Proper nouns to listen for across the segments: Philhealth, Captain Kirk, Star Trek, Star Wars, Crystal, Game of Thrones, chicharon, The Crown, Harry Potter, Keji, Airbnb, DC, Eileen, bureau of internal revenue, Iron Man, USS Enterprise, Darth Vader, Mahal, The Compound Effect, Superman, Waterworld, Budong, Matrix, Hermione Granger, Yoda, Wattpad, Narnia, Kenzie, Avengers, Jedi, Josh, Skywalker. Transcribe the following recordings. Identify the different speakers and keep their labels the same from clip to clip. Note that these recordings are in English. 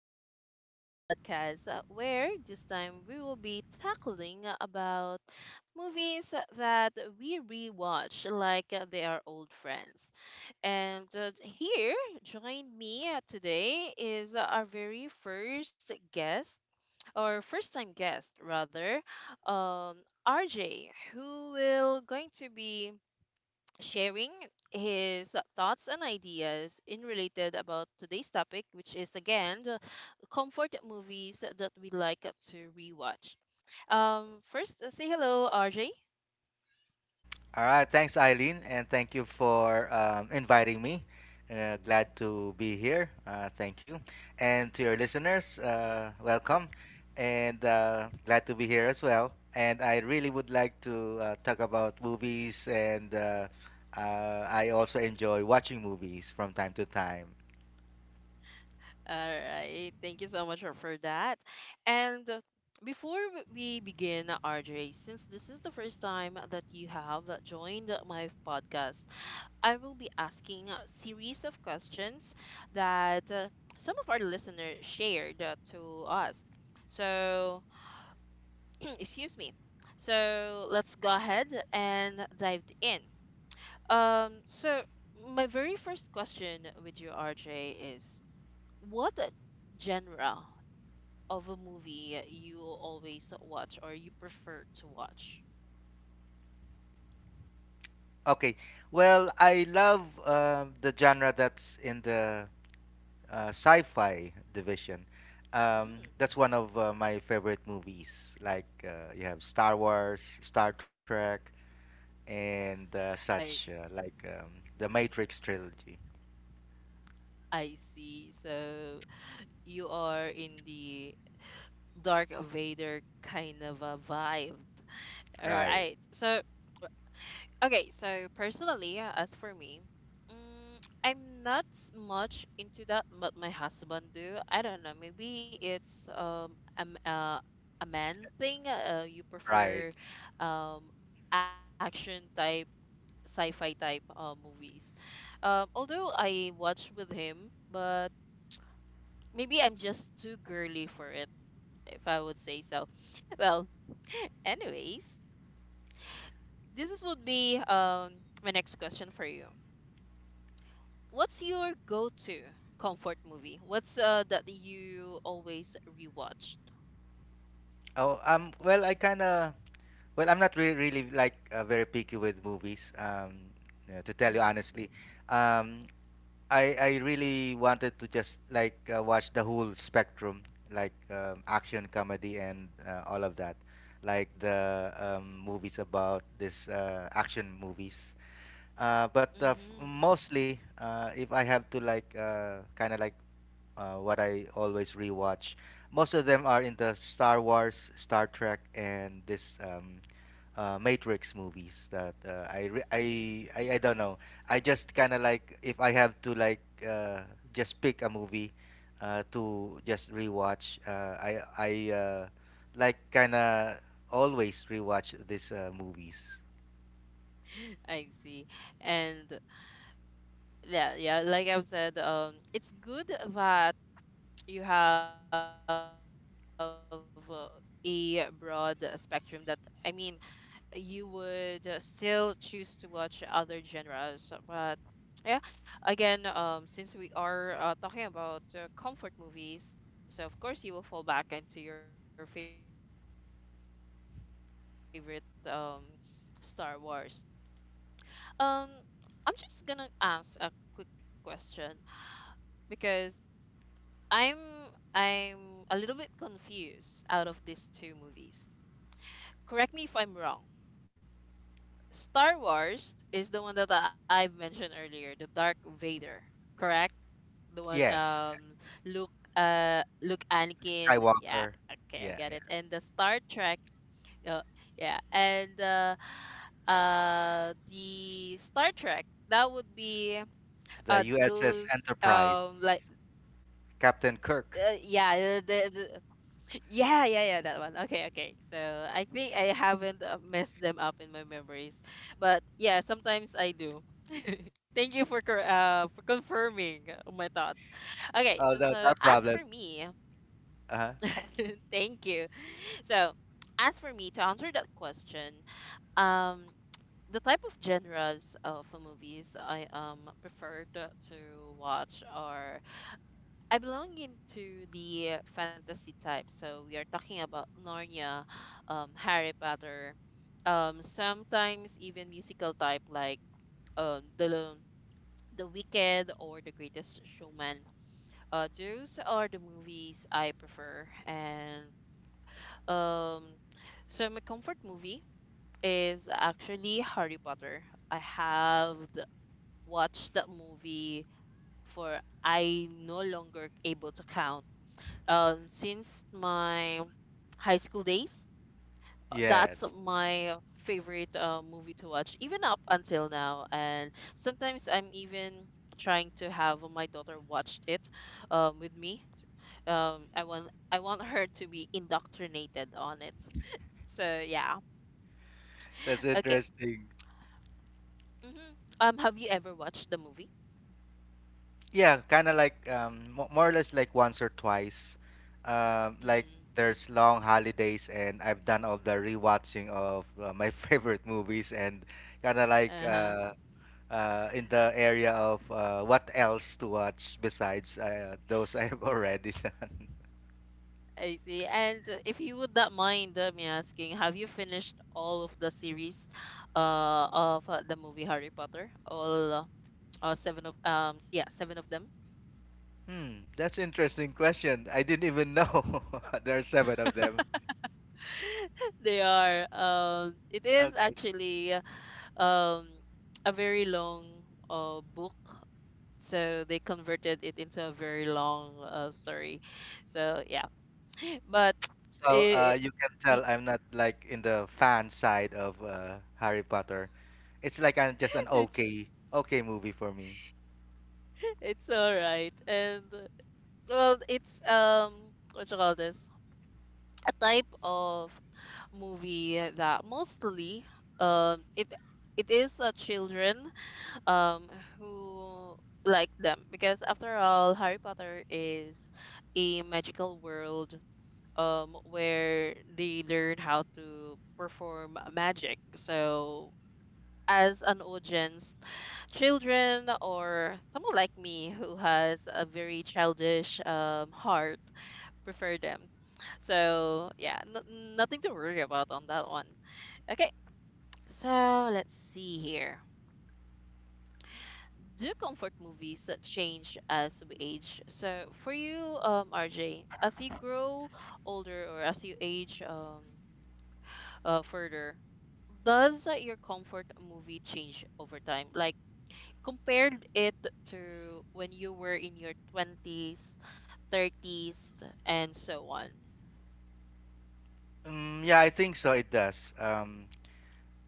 Speaker 1: again here in the podcast where this time we will be tackling about movies that we rewatch like they are old friends. And here, join me today is our very first guest or first time guest rather, um, RJ, who will going to be sharing his thoughts and ideas in related about today's topic, which is again the comfort movies that we like to rewatch. First, say hello, RJ.
Speaker 2: All right, thanks, Eileen, and thank you for inviting me. Glad to be here. Thank you. And to your listeners, welcome, and glad to be here as well. And I really would like to talk about movies, and I also enjoy watching movies from time to time.
Speaker 1: All right, thank you so much for that. And before we begin, RJ, since this is the first time that you have joined my podcast, I will be asking a series of questions that some of our listeners shared to us. So, excuse me. So, let's go ahead and dive in. Um, so, my very first question with you, RJ, is what a genre of a movie you always watch or you prefer to watch?
Speaker 2: Okay, well, I love the genre that's in the sci-fi division.
Speaker 1: Mm,
Speaker 2: That's one of my favorite movies. Like you have Star Wars, Star Trek, and such
Speaker 1: I
Speaker 2: like the Matrix trilogy.
Speaker 1: I see. So you are in the Dark Vader kind of a vibe. All
Speaker 2: Right,
Speaker 1: right. So, okay. So, personally, as for me, mm, I'm not s- much into that, but my husband do. I don't know. Maybe it's a man thing. You
Speaker 2: right.
Speaker 1: prefer um action type, sci-fi type movies. Although I watch with him, but maybe I'm just too girly for it, if I would say so. Well, anyways, this is would be my next question for you. What's your go-to comfort movie? What's that you always rewatch?
Speaker 2: Oh, well, I kind of, well, I'm not really, really like very picky with movies. To tell you
Speaker 1: Mhm.
Speaker 2: honestly, um, I really wanted to just like watch the whole spectrum, like action, comedy, and all of that, like the movies about this action movies. But
Speaker 1: Mhm.
Speaker 2: mostly, if I have to like kind of like what I always rewatch, most of them are in the Star Wars, Star Trek, and this Matrix movies that I, re-
Speaker 1: Mhm.
Speaker 2: I don't know. I just kind of like if I have to like uh, just pick a movie to just rewatch. I like kind of always rewatch these movies.
Speaker 1: I see. And yeah, yeah, like I've said, it's good that you have a broad spectrum that, I mean, you would still choose to watch other genres, but yeah. Again, since we are talking about comfort movies, so of course you will fall back into your favorite movies such as you have described, the Matrix and Star Wars. Um, I'm just gonna ask a quick question because I'm I'm a little bit confused out of these two movies. Correct me if I'm wrong. Star Wars is the one that I've mentioned earlier, the Dark Vader, correct? The one
Speaker 2: Yes,
Speaker 1: Luke, Luke Anakin.
Speaker 2: Skywalker.
Speaker 1: Yeah, okay, I
Speaker 2: Yeah,
Speaker 1: get
Speaker 2: yeah.
Speaker 1: it. And the Star Trek. Uh, yeah, and the Star Trek that would be
Speaker 2: The USS
Speaker 1: those like,
Speaker 2: Enterprise, Captain Kirk.
Speaker 1: yeah, yeah, yeah, yeah, that one. Okay, okay, so I think I haven't messed them up in my memories, but yeah sometimes I do. Thank you for for confirming my thoughts.
Speaker 2: Oh,
Speaker 1: Okay,
Speaker 2: no,
Speaker 1: so
Speaker 2: no
Speaker 1: as
Speaker 2: problem.
Speaker 1: for me,
Speaker 2: Uh huh.
Speaker 1: thank you. So, as for me to answer that question, um, the type of genres of movies I preferred to watch are, I belong into the fantasy type. So we are talking about Narnia, Harry Potter, sometimes even musical type like um the the Wicked or The Greatest Showman. Those are the movies I prefer. And um, so my comfort movie is actually Harry Potter. I have watched that movie for, I no longer able to count. Since my high school days, that's
Speaker 2: Yes,
Speaker 1: my favorite movie to watch, even up until now. And sometimes I'm even trying to have my daughter watch it with me. I want her to be indoctrinated on it. So yeah.
Speaker 2: that's
Speaker 1: Okay.
Speaker 2: interesting.
Speaker 1: Hmm. Have you ever watched the movie?
Speaker 2: Yeah, kind of like more or less like once or twice. Like
Speaker 1: Hmm.
Speaker 2: there's long holidays, and I've done all the rewatching of my favorite movies, and kind of like
Speaker 1: Uh-huh.
Speaker 2: in the area of what else to watch besides those I've already done.
Speaker 1: I see. And if you would not mind me asking, have you finished all of the series, of the movie Harry Potter? All seven of yeah, seven of them.
Speaker 2: Hmm, that's interesting question. I didn't even know there are seven of them.
Speaker 1: They are. It is
Speaker 2: Okay.
Speaker 1: actually um a very long book, so they converted it into a very long story. So yeah, but
Speaker 2: So
Speaker 1: it,
Speaker 2: you can tell I'm not like in the fan side of Harry Potter. It's like I just an okay, okay movie for me.
Speaker 1: it's all right. And well, it's um, what you call this? A type of movie that mostly um it it is children um who like them because after all Harry Potter is a magical world where they learn how to perform magic. So, as an audience, children or someone like me who has a very childish heart prefer them. So yeah, nothing to worry about on that one. Okay, so let's see here. Do comfort movies that change as we age? So for you, RJ, as you grow older or as you age further, does your comfort movie change over time? Like compared it to when you were in your 20s, 30s, and so on.
Speaker 2: Yeah, I think so. It does.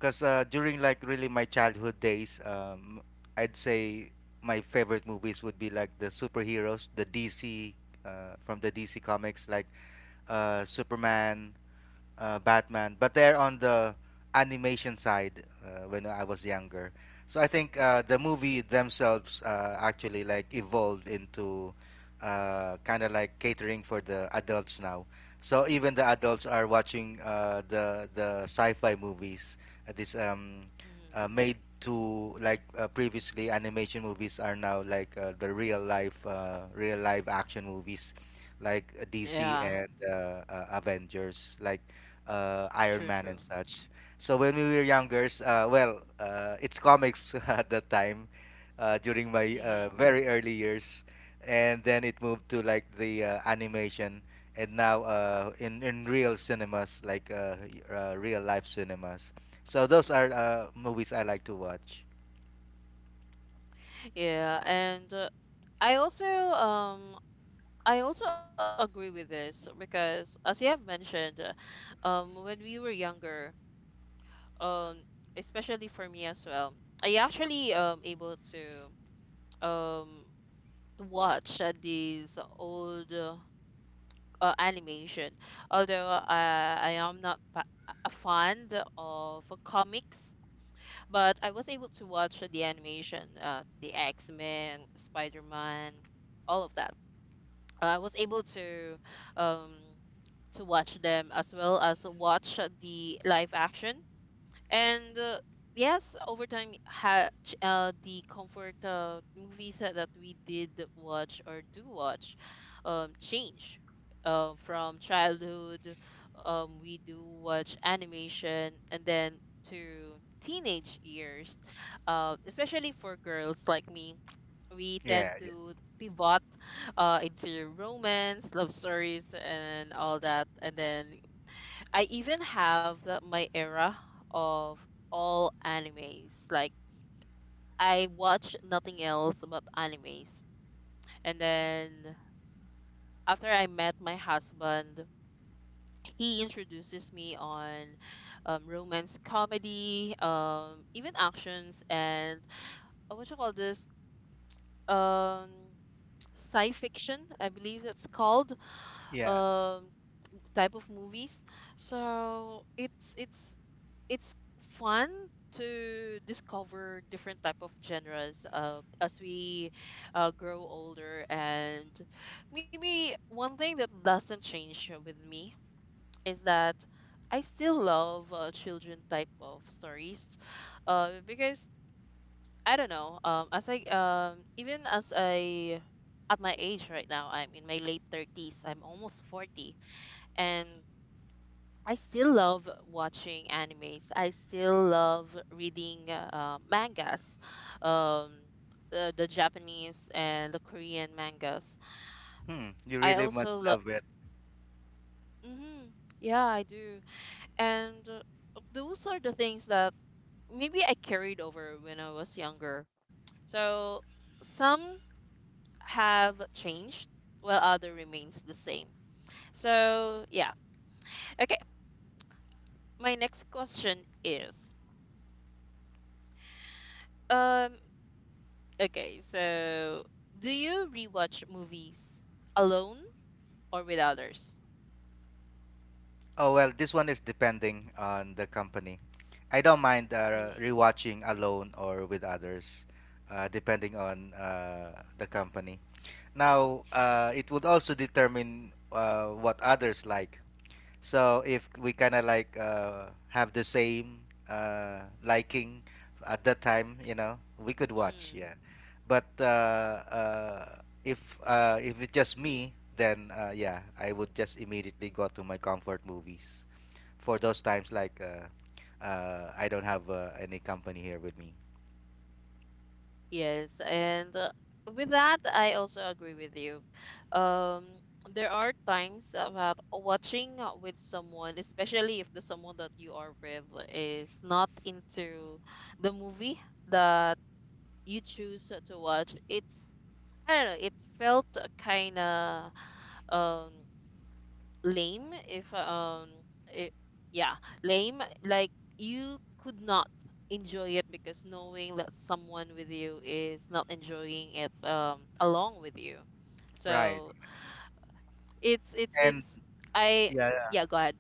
Speaker 2: Cause during like really my childhood days, I'd say my favorite movies would be like the superheroes, the DC, from the DC comics, like Superman, Batman, but they're on the animation side when I was younger. So I think the movie themselves actually like evolved into kind of like catering for the adults now. So even the adults are watching the sci-fi movies. This
Speaker 1: Hmm.
Speaker 2: made to like previously animation movies are now like the real life real live action movies like DC
Speaker 1: Yeah,
Speaker 2: and Avengers. Like Iron
Speaker 1: true,
Speaker 2: Man
Speaker 1: true.
Speaker 2: and such. So when we were younger, well, it's comics at that time during my
Speaker 1: Hmm.
Speaker 2: very early years, and then it moved to like the animation, and now in real cinemas, like real life cinemas. So those are movies I like to watch.
Speaker 1: Yeah, and I also um I also agree with this because as you have mentioned, when we were younger, um, especially for me as well, I actually able um to watch these old animation. Although I am not a fan of comics, but I was able to watch the animation, the X Men, Spider Man, all of that. I was able um, to watch them as well as watch the live action. And yes, over time, the comfort movies that we did watch or do watch change. From childhood, we do watch animation, and then to teenage years, especially for girls like me, we tend
Speaker 2: Yeah, yeah,
Speaker 1: to pivot into romance, love stories, and all that. And then I even have my era of all animes. Like, I watch nothing else but animes. And then after I met my husband, he introduces me on romance comedy, even actions and what you call this, um, sci fiction, I believe that's called,
Speaker 2: yeah.
Speaker 1: um, type of movies. So it's it's fun to discover different type of genres as we grow older. And maybe one thing that doesn't change with me is that I still love children type of stories because I don't know, as I even as I, at my age right now, I'm in my late 30s, I'm almost 40, and I still love watching animes. I still love reading mangas, um, the Japanese and the Korean mangas.
Speaker 2: Hmm, you
Speaker 1: I
Speaker 2: really must
Speaker 1: also love.
Speaker 2: love it.
Speaker 1: Hmm, yeah, I do. And those are the things that maybe I carried over when I was younger. So some have changed, while other remains the same. So yeah. Okay, my next question is. Um, Okay, so do you rewatch movies alone or with others?
Speaker 2: Oh well, this one is depending on the company. I don't mind
Speaker 1: Mm,
Speaker 2: rewatching alone or with others, depending on the company. Now, it would also determine what others like. So if we kind of like have the same liking at that time, we could watch,
Speaker 1: mm,
Speaker 2: yeah. But if it's just me, then yeah, I would just immediately go to my comfort movies for those times like I don't have any company here with me.
Speaker 1: yes, and with that, I also agree with you. Um, there are times about watching with someone, especially if the someone that you are with is not into the movie that you choose to watch. It's, I don't know. It felt kind of um lame if it, yeah, lame, like you could not enjoy it because knowing that someone with you is not enjoying it along with you,
Speaker 2: Right.
Speaker 1: so
Speaker 2: And
Speaker 1: it's I
Speaker 2: yeah, yeah.
Speaker 1: yeah, go ahead.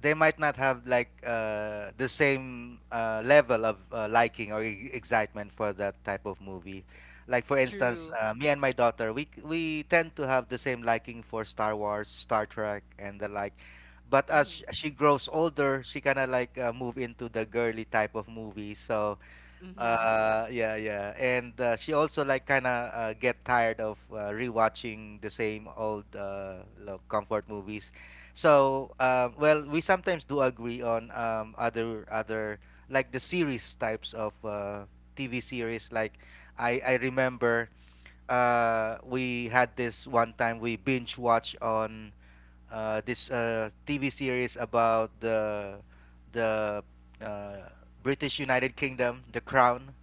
Speaker 2: They might not have like the same level of liking or excitement for that type of movie. Like for instance,
Speaker 1: True.
Speaker 2: me and my daughter, we tend to have the same liking for Star Wars, Star Trek, and the like.
Speaker 1: Mm-hmm.
Speaker 2: But as she grows older, she kind of like move into the girly type of movie. So
Speaker 1: Mm-hmm.
Speaker 2: Uh, yeah, yeah, and she also like kind of get tired of rewatching the same old comfort movies. So, well, we sometimes do agree on other like the series types of TV series. Like, I remember we had this one time we binge watch on this TV series about the uh, British United Kingdom, The Crown,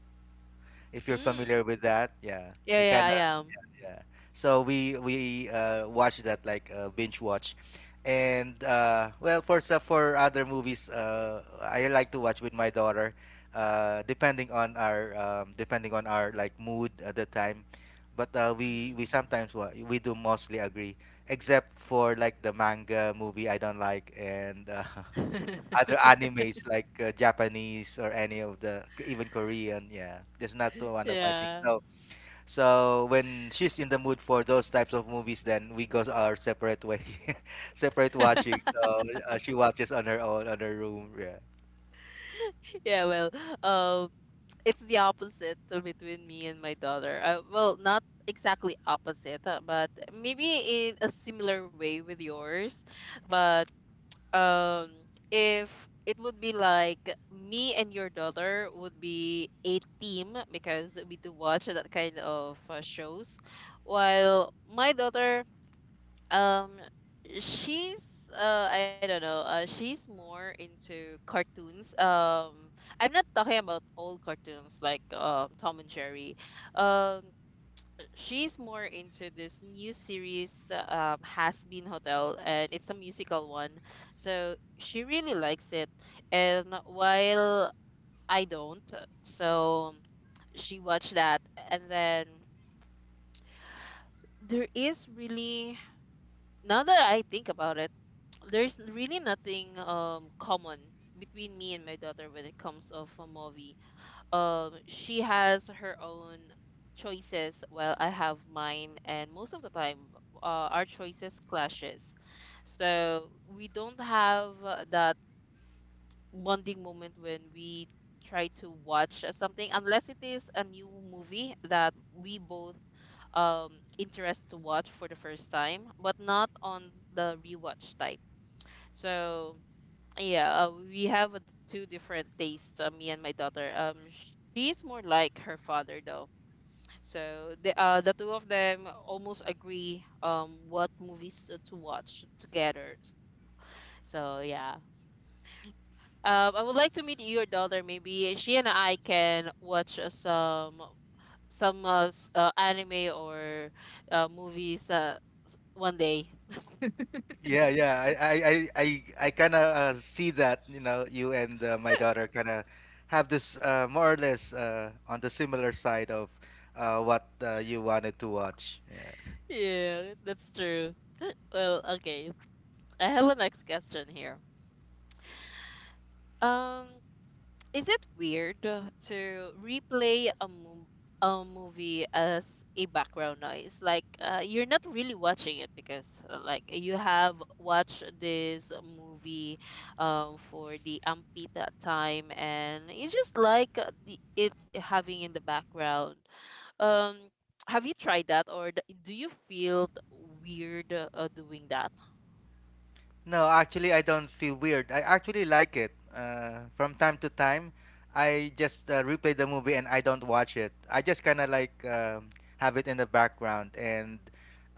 Speaker 2: if you're
Speaker 1: Mm,
Speaker 2: familiar with that. Yeah,
Speaker 1: yeah,
Speaker 2: we
Speaker 1: yeah,
Speaker 2: kind
Speaker 1: I
Speaker 2: of.
Speaker 1: am.
Speaker 2: Yeah, so we watched that like binge watch. And well, for so for other movies I like to watch with my daughter depending on our like mood at the time. But we sometimes wa- we do mostly agree except for like the manga movie I don't like, and other
Speaker 1: Mm-hmm.
Speaker 2: animes like Japanese or any of the even Korean. Yeah, that's not one of my things.
Speaker 1: Yeah.
Speaker 2: So when she's in the mood for those types of movies, then we go our separate way, separate watching. So she watches on her own on her room. Yeah.
Speaker 1: Yeah, well, um, it's the opposite between me and my daughter. Well, not exactly opposite, but maybe in a similar way with yours. But um, if it would be like, me and your daughter would be a team because we do watch that kind of shows, while my daughter um, she's I don't know. She's more into cartoons. I'm not talking about old cartoons like um, Tom and Jerry. Um, she's more into this new series Has Been Hotel, and it's a musical one. So she really likes it. And while I don't, so she watched that, and then there is really, now that I think about it, there's really nothing common between me and my daughter when it comes of a movie. She has her own choices while I have mine, and most of the time, our choices clashes. So we don't have that bonding moment when we try to watch something unless it is a new movie that we both um interest to watch for the first time, but not on the rewatch type. So yeah, we have two different tastes, me and my daughter. She is more like her father though. So the two of them almost agree what movies to watch together. So yeah. I would like to meet your daughter. Maybe she and I can watch some anime or movies one day.
Speaker 2: Yeah, yeah. I kind of see that, you and my daughter kind of have this more or less on the similar side of what you wanted to watch. Yeah.
Speaker 1: Yeah, that's true. Well, okay. I have a next question here. Um, Is it weird to replay a movie as a background noise? Like you're not really watching it because like you have watched this movie for the Ampita time and you just like the it having in the background. Um, have you tried that or do you feel weird doing that?
Speaker 2: No, actually, I don't feel weird. I actually like it. From time to time, I just replay the movie and I don't watch it. I just kind of like have it in the background and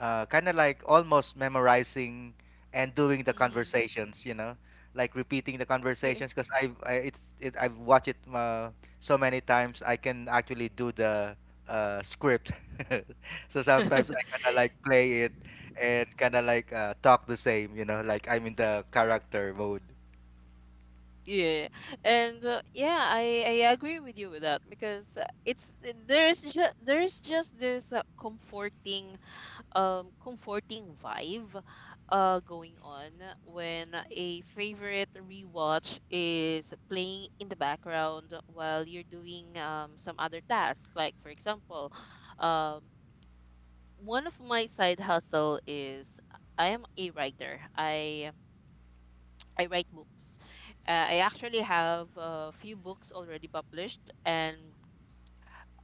Speaker 2: kind of like almost memorizing and doing the
Speaker 1: Mm-hmm.
Speaker 2: conversations. You know, like repeating the
Speaker 1: Yeah.
Speaker 2: conversations because I've watched it so many times. I can actually do the script. So sometimes I kind of like play it and kind of like talk the same, like I'm in the character mode.
Speaker 1: Yeah, and yeah, I agree with you with that because it's there's just this comforting comforting vibe going on when a favorite rewatch is playing in the background while you're doing some other tasks. Like for example, um one of my side hustle is I am a writer. I write books. I actually have a few books already published, and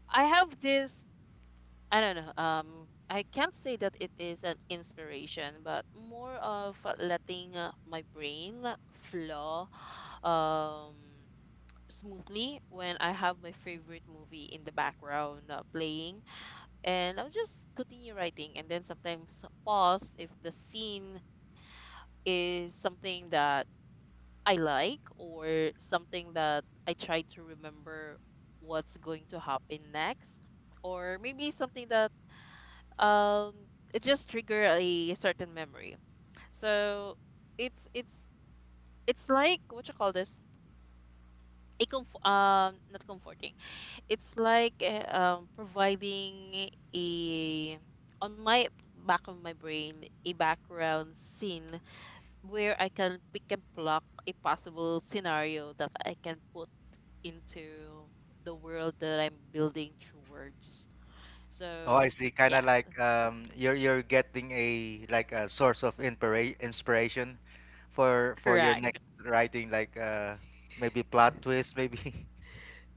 Speaker 1: I have this. I don't know. I can't say that it is an inspiration, but more of letting my brain flow um, smoothly when I have my favorite movie in the background playing, and I'll just continue writing, and then sometimes pause if the scene is something that I like or something that I try to remember what's going to happen next or maybe something that um it just trigger a certain memory. So it's it's like what you call this? A not comforting. It's like providing a on my back of my brain a background scene where I can pick and pluck a possible scenario that I can put into the world that I'm building through words.
Speaker 2: Oh, I
Speaker 1: So
Speaker 2: see. Kind of
Speaker 1: yeah,
Speaker 2: like you're getting a like a source of inspiration for your
Speaker 1: correct.
Speaker 2: next writing, like maybe plot twist, maybe.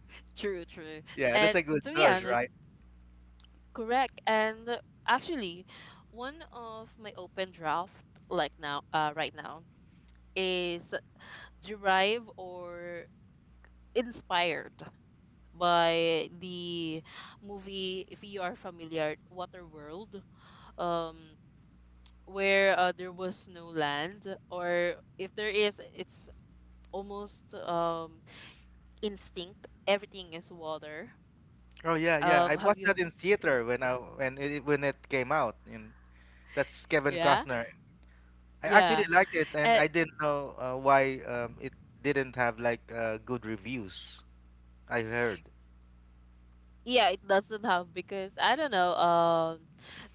Speaker 1: True, true.
Speaker 2: Yeah, that's
Speaker 1: And
Speaker 2: a good
Speaker 1: to be
Speaker 2: source,
Speaker 1: honest,
Speaker 2: right?
Speaker 1: correct. And actually, one of my open draft like now, right now is derived or inspired by the movie. If you are familiar, Waterworld. Um, where there was no land or if there is it's almost instinct, everything is water.
Speaker 2: Oh yeah, yeah. I
Speaker 1: Have
Speaker 2: watched that
Speaker 1: you,
Speaker 2: in theater when it came out, and that's Kevin
Speaker 1: yeah,
Speaker 2: Costner. I
Speaker 1: yeah,
Speaker 2: actually liked it, and
Speaker 1: and
Speaker 2: I didn't know why it didn't have like good reviews. I heard.
Speaker 1: yeah, it doesn't help because I don't know.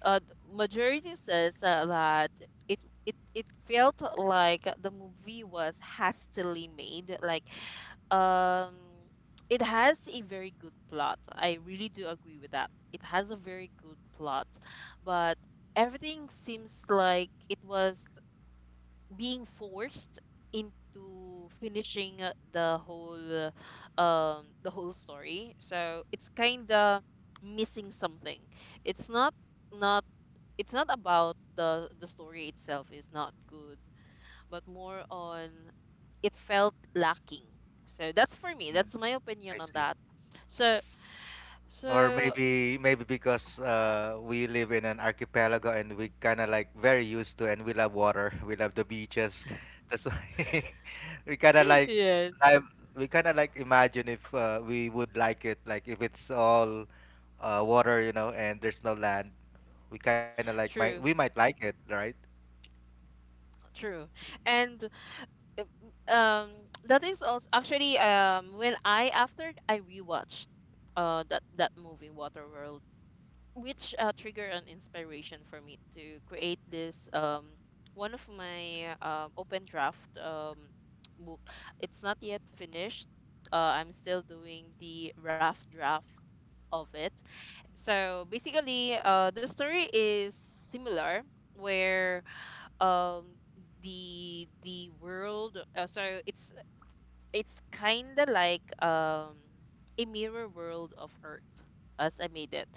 Speaker 1: uh Majority says that it it it felt like the movie was hastily made, like um it has a very good plot. I really do agree with that. It has a very good plot, but everything seems like it was being forced into finishing the whole story. So it's kind of missing something. It's not it's not about the story itself is not good, but more on it felt lacking. So that's, for me,
Speaker 2: Mm.
Speaker 1: that's my
Speaker 2: I
Speaker 1: opinion on
Speaker 2: see.
Speaker 1: that. So,
Speaker 2: Or
Speaker 1: so
Speaker 2: maybe because we live in an archipelago and we kind of like very used to and we love water, we love the beaches. That's why we kind of like
Speaker 1: yes,
Speaker 2: I we kind of like imagine if we would like it, like if it's all water, you know, and there's no land. We kind of like
Speaker 1: true,
Speaker 2: might like it, right?
Speaker 1: true. And um um, that is also actually when I, after I rewatched that movie Waterworld, which triggered an inspiration for me to create this one of my open draft book. It's not yet finished. I'm still doing the rough draft of it. So basically the story is similar where um the world, so it's kind of like a mirror world of Earth, as I made it.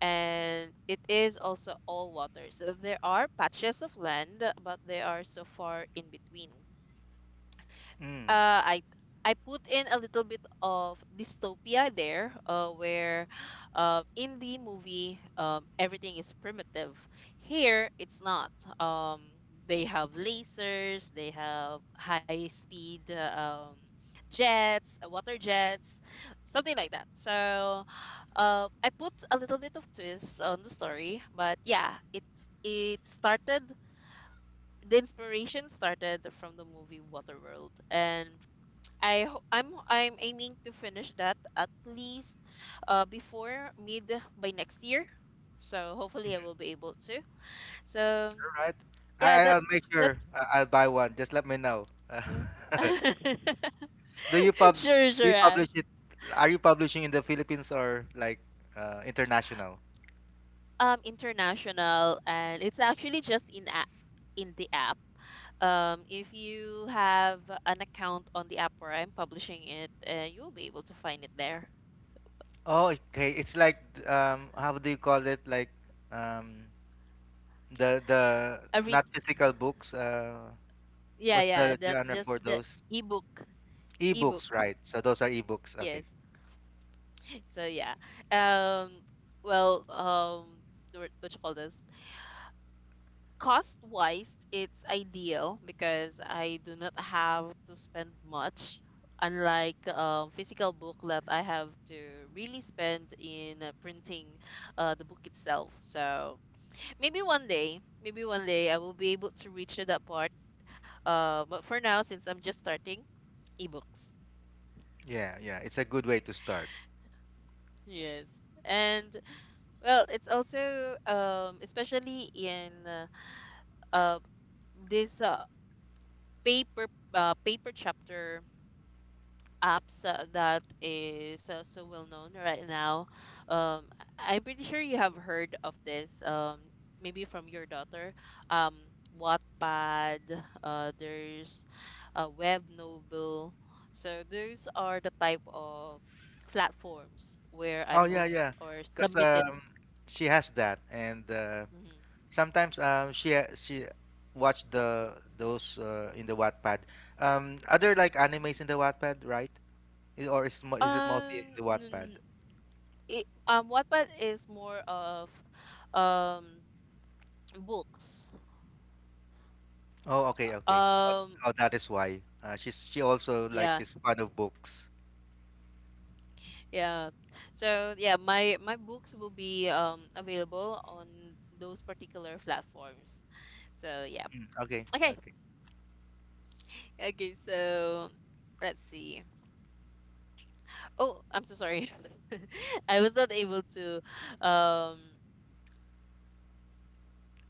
Speaker 1: And it is also all waters. So there are patches of land, but they are so far in between.
Speaker 2: Mm,
Speaker 1: uh, I I put in a little bit of dystopia there, where in the movie everything is primitive. Here it's not. Um, they have lasers, they have high speed um, jets, water jets, something like that. So I put a little bit of twist on the story, but yeah, it started. The inspiration started from the movie Waterworld, and I'm aiming to finish that at least before mid by next year. So hopefully I will be able to. So
Speaker 2: all right. I
Speaker 1: yeah,
Speaker 2: I-
Speaker 1: that
Speaker 2: I'll make
Speaker 1: that
Speaker 2: sure I'll buy one. Just let me know. Do you pub
Speaker 1: sure,
Speaker 2: do
Speaker 1: sure.
Speaker 2: you publish it? Are you publishing in the Philippines or like international?
Speaker 1: International, and it's actually just in the app. If you have an account on the app where I'm publishing it, you'll be able to find it there.
Speaker 2: Oh, okay. It's like how do you call it? Like um, the
Speaker 1: Every,
Speaker 2: not physical books.
Speaker 1: yeah,
Speaker 2: What's
Speaker 1: yeah,
Speaker 2: the
Speaker 1: that
Speaker 2: genre
Speaker 1: just
Speaker 2: for
Speaker 1: the
Speaker 2: those?
Speaker 1: ebook,
Speaker 2: Ebooks,
Speaker 1: ebook,
Speaker 2: right? So those are ebooks. Okay.
Speaker 1: yes. So yeah. Um well, um what you call this? Cost wise, it's ideal because I do not have to spend much. Unlike physical book that I have to really spend in printing the book itself. So maybe one day I will be able to reach to that part. But for now, since I'm just starting, ebooks.
Speaker 2: Yeah, yeah. It's a good way to start.
Speaker 1: Yes. And well, it's also especially in uh, this paper paper chapter apps that is so well known right now. Um, I'm pretty sure you have heard of this. Maybe from your daughter. Um, Wattpad. There's a web novel. So those are the type of platforms where I
Speaker 2: Oh yeah,
Speaker 1: post
Speaker 2: yeah.
Speaker 1: or
Speaker 2: Because
Speaker 1: submitted.
Speaker 2: she has that, and
Speaker 1: Mhm.
Speaker 2: sometimes she watched the those in the Wattpad. Other like animes in the Wattpad, right? Or is it mostly in
Speaker 1: Um,
Speaker 2: the
Speaker 1: n-
Speaker 2: Wattpad?
Speaker 1: it, Wattpad is more of um books.
Speaker 2: Oh, okay, okay. Oh,
Speaker 1: Um,
Speaker 2: oh, that is why. She also like
Speaker 1: yeah,
Speaker 2: is fond of books.
Speaker 1: yeah. So yeah, my books will be available on those particular platforms. So yeah.
Speaker 2: Mm, okay,
Speaker 1: Okay.
Speaker 2: okay.
Speaker 1: Okay, so let's see. Oh, I'm so sorry. I was not able to um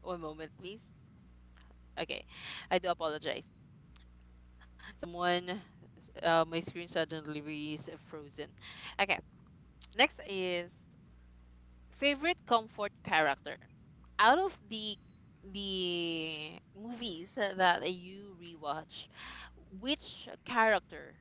Speaker 1: one moment, please. Okay. I do apologize. Uh, Someone my screen suddenly is frozen. Okay. Next is favorite comfort character out of the movies that you rewatch. Which character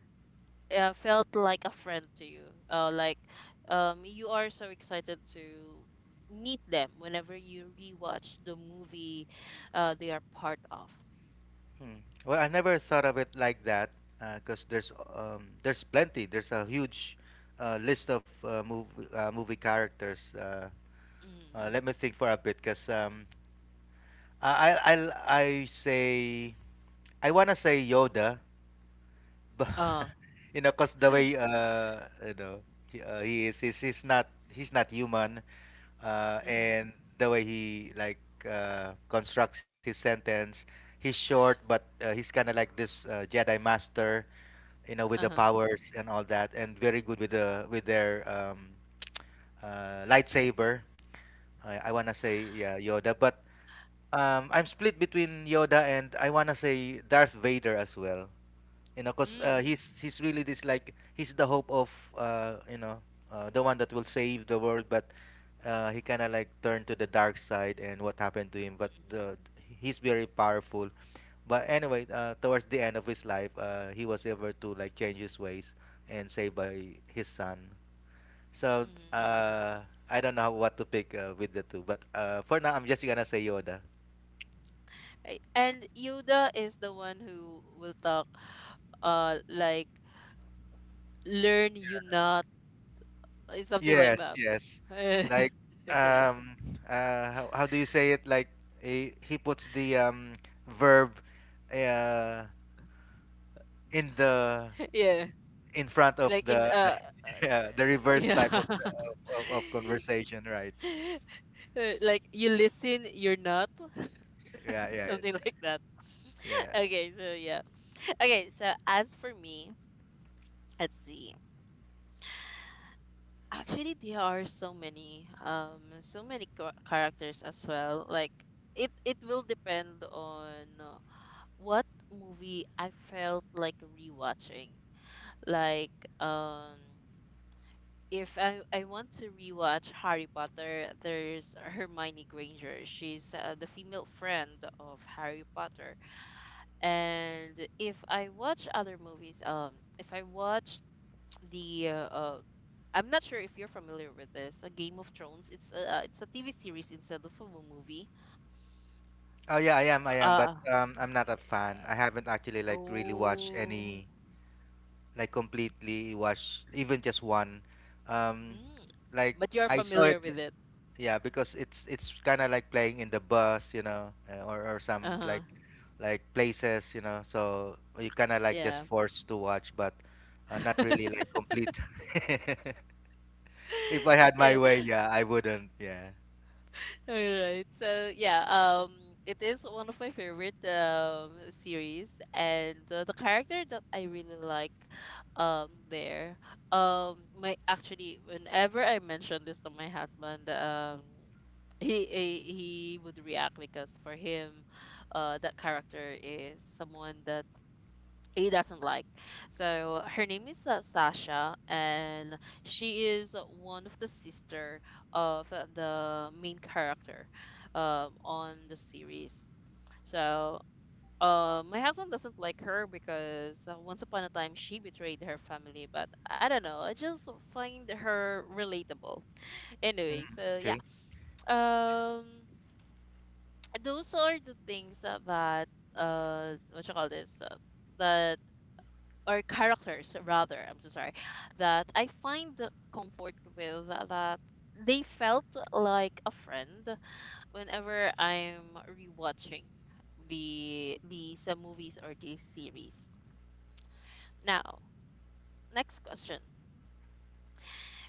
Speaker 1: felt like a friend to you, like you are so excited to meet them whenever you rewatch the movie, they are part of.
Speaker 2: Hmm. Well, I never thought of it like that because there's plenty. There's a huge list of movie characters.
Speaker 1: Mm.
Speaker 2: Let me think for a bit because I say I wanna say Yoda, but
Speaker 1: uh,
Speaker 2: you know, because the way you know he's not human,
Speaker 1: mm-hmm.
Speaker 2: and the way he like constructs his sentence, he's short, but he's kind of like this Jedi master, you know, with the
Speaker 1: Uh-huh.
Speaker 2: powers and all that, and very good with their lightsaber. I wanna say yeah Yoda, but I'm split between Yoda and I wanna say Darth Vader as well. You know, because
Speaker 1: Mm.
Speaker 2: he's really this like he's the hope of uh, you know the one that will save the world, but he kind of like turned to the dark side and what happened to him, but he's very powerful, but anyway towards the end of his life he was able to like change his ways and saved by his son. So
Speaker 1: Mm-hmm.
Speaker 2: uh, I don't know what to pick with the two, but for now I'm just gonna say Yoda.
Speaker 1: And Yuda is the one who will talk, like, learn you not, something like
Speaker 2: Yes,
Speaker 1: that.
Speaker 2: yes.
Speaker 1: Yeah,
Speaker 2: Like um how do you say it? Like he puts the verb uh in the
Speaker 1: yeah,
Speaker 2: in front of
Speaker 1: like in
Speaker 2: the like, yeah, the reverse type
Speaker 1: yeah,
Speaker 2: of, of conversation, right?
Speaker 1: Like you listen, you're not,
Speaker 2: Yeah, yeah.
Speaker 1: something like that.
Speaker 2: Yeah.
Speaker 1: Okay, so yeah. Okay, so as for me, let's see. Actually, there are so many, so many characters as well. Like it will depend on what movie I felt like rewatching. Like, um, if I want to rewatch Harry Potter, there's Hermione Granger. She's the female friend of Harry Potter. And if I watch other movies, if I watch the I'm not sure if you're familiar with this, a Game of Thrones. It's a TV series instead of a movie.
Speaker 2: Oh yeah, I am, but
Speaker 1: Uh,
Speaker 2: I'm not a fan. I haven't actually like really watched
Speaker 1: oh,
Speaker 2: any like completely watched even just one. Um
Speaker 1: mm.
Speaker 2: like
Speaker 1: But you're
Speaker 2: I saw it,
Speaker 1: familiar with it.
Speaker 2: yeah, because it's kind of like playing in the bus, you know, or some
Speaker 1: Uh huh.
Speaker 2: like places, you know, so you kind of like just
Speaker 1: Yeah.
Speaker 2: forced to watch, but not really like complete. If I had my
Speaker 1: Yeah.
Speaker 2: way, yeah, I wouldn't. Yeah.
Speaker 1: All right. So yeah, it is one of my favorite series, and the character that I really like, there, my actually whenever I mention this to my husband, he would react because for him, that character is someone that he doesn't like. So her name is Sasha, and she is one of the sister of the main character on the series. So my husband doesn't like her because once upon a time she betrayed her family, but I don't know. I just find her relatable.
Speaker 2: Mm,
Speaker 1: Anyway, so yeah,
Speaker 2: okay.
Speaker 1: um, those are the things that what you call this, that or characters rather, I'm so sorry, that I find the comfort with, that they felt like a friend whenever I'm rewatching these movies or these series. Now, next question: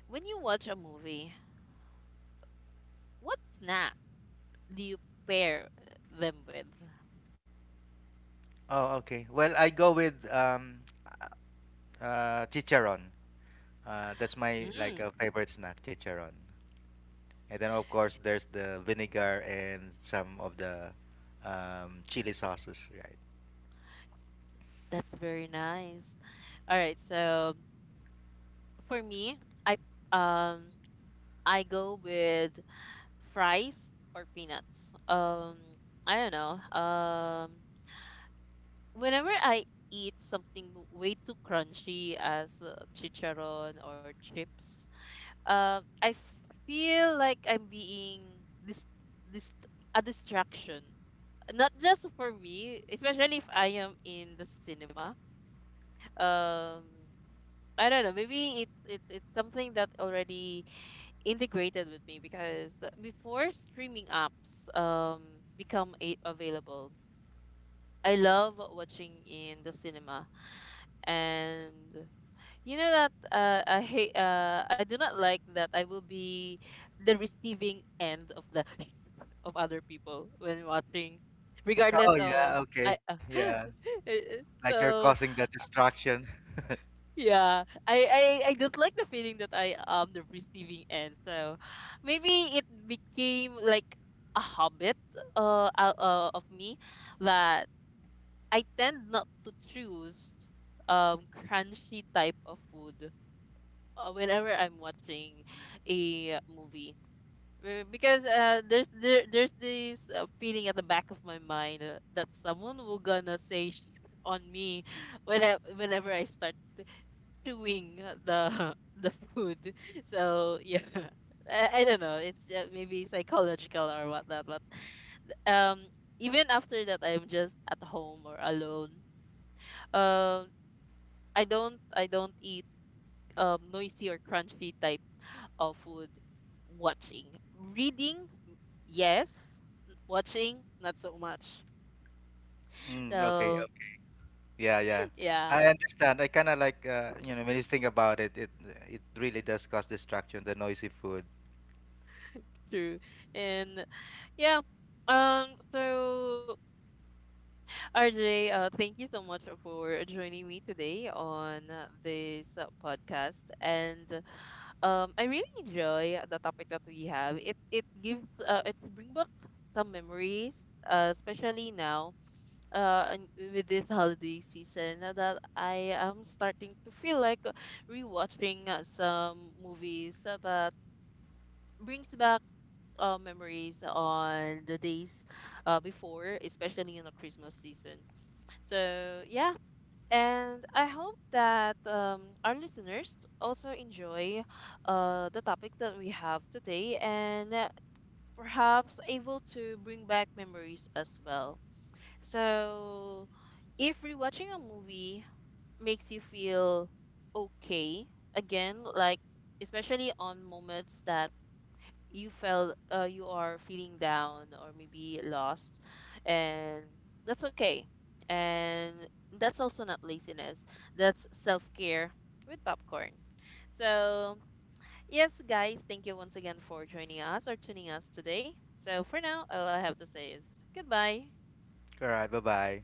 Speaker 1: when you watch a movie, what snack do you pair them with?
Speaker 2: Oh, okay. Well, I go with chicharon. That's my like
Speaker 1: Mm,
Speaker 2: a favorite snack, chicharon. And then of course there's the vinegar and some of the chili sauces, right?
Speaker 1: that's very nice. All right, so for me, I um I go with fries or peanuts. I don't know. Whenever I eat something way too crunchy as chicharon or chips, I feel like I'm being this this a distraction. Not just for me, especially if I am in the cinema. Um, I don't know. Maybe it's something that already integrated with me because before streaming apps become available, I love watching in the cinema, and you know that I do not like that I will be the receiving end of the of other people when watching, regardless
Speaker 2: Oh
Speaker 1: of
Speaker 2: yeah, okay,
Speaker 1: I
Speaker 2: yeah. Like you're
Speaker 1: so.
Speaker 2: causing the distraction.
Speaker 1: Yeah, I don't like the feeling that I am the receiving end. So maybe it became like a habit, of me, that I tend not to choose crunchy type of food whenever I'm watching a movie. Because there, there's this feeling at the back of my mind that someone will gonna say shit on me when whenever I start doing the the food. So yeah, I don't know. It's maybe psychological or whatnot. But um, even after that, I'm just at home or alone. Um, I don't eat noisy or crunchy type of food. Watching, reading, yes. Watching, not so much.
Speaker 2: Mm, okay,
Speaker 1: So
Speaker 2: okay. Yeah, yeah. I
Speaker 1: yeah,
Speaker 2: understand. I kind of like when you think about it, it really does cause distraction, the noisy food.
Speaker 1: true. And yeah, So RJ, thank you so much for joining me today on this podcast. And I really enjoy the topic that we have. It gives it bring back some memories, especially now and with this holiday season that I am starting to feel like rewatching some movies that brings back memories on the days before, especially in the Christmas season. So, yeah. And I hope that our listeners also enjoy the topic that we have today and perhaps able to bring back memories as well. So, if rewatching a movie makes you feel okay, again, like especially on moments that you felt, you are feeling down or maybe lost, and that's okay, and that's also not laziness, that's self-care with popcorn. So yes guys, thank you once again for joining us or tuning us today. So for now, all I have to say is goodbye.
Speaker 2: All right, bye-bye.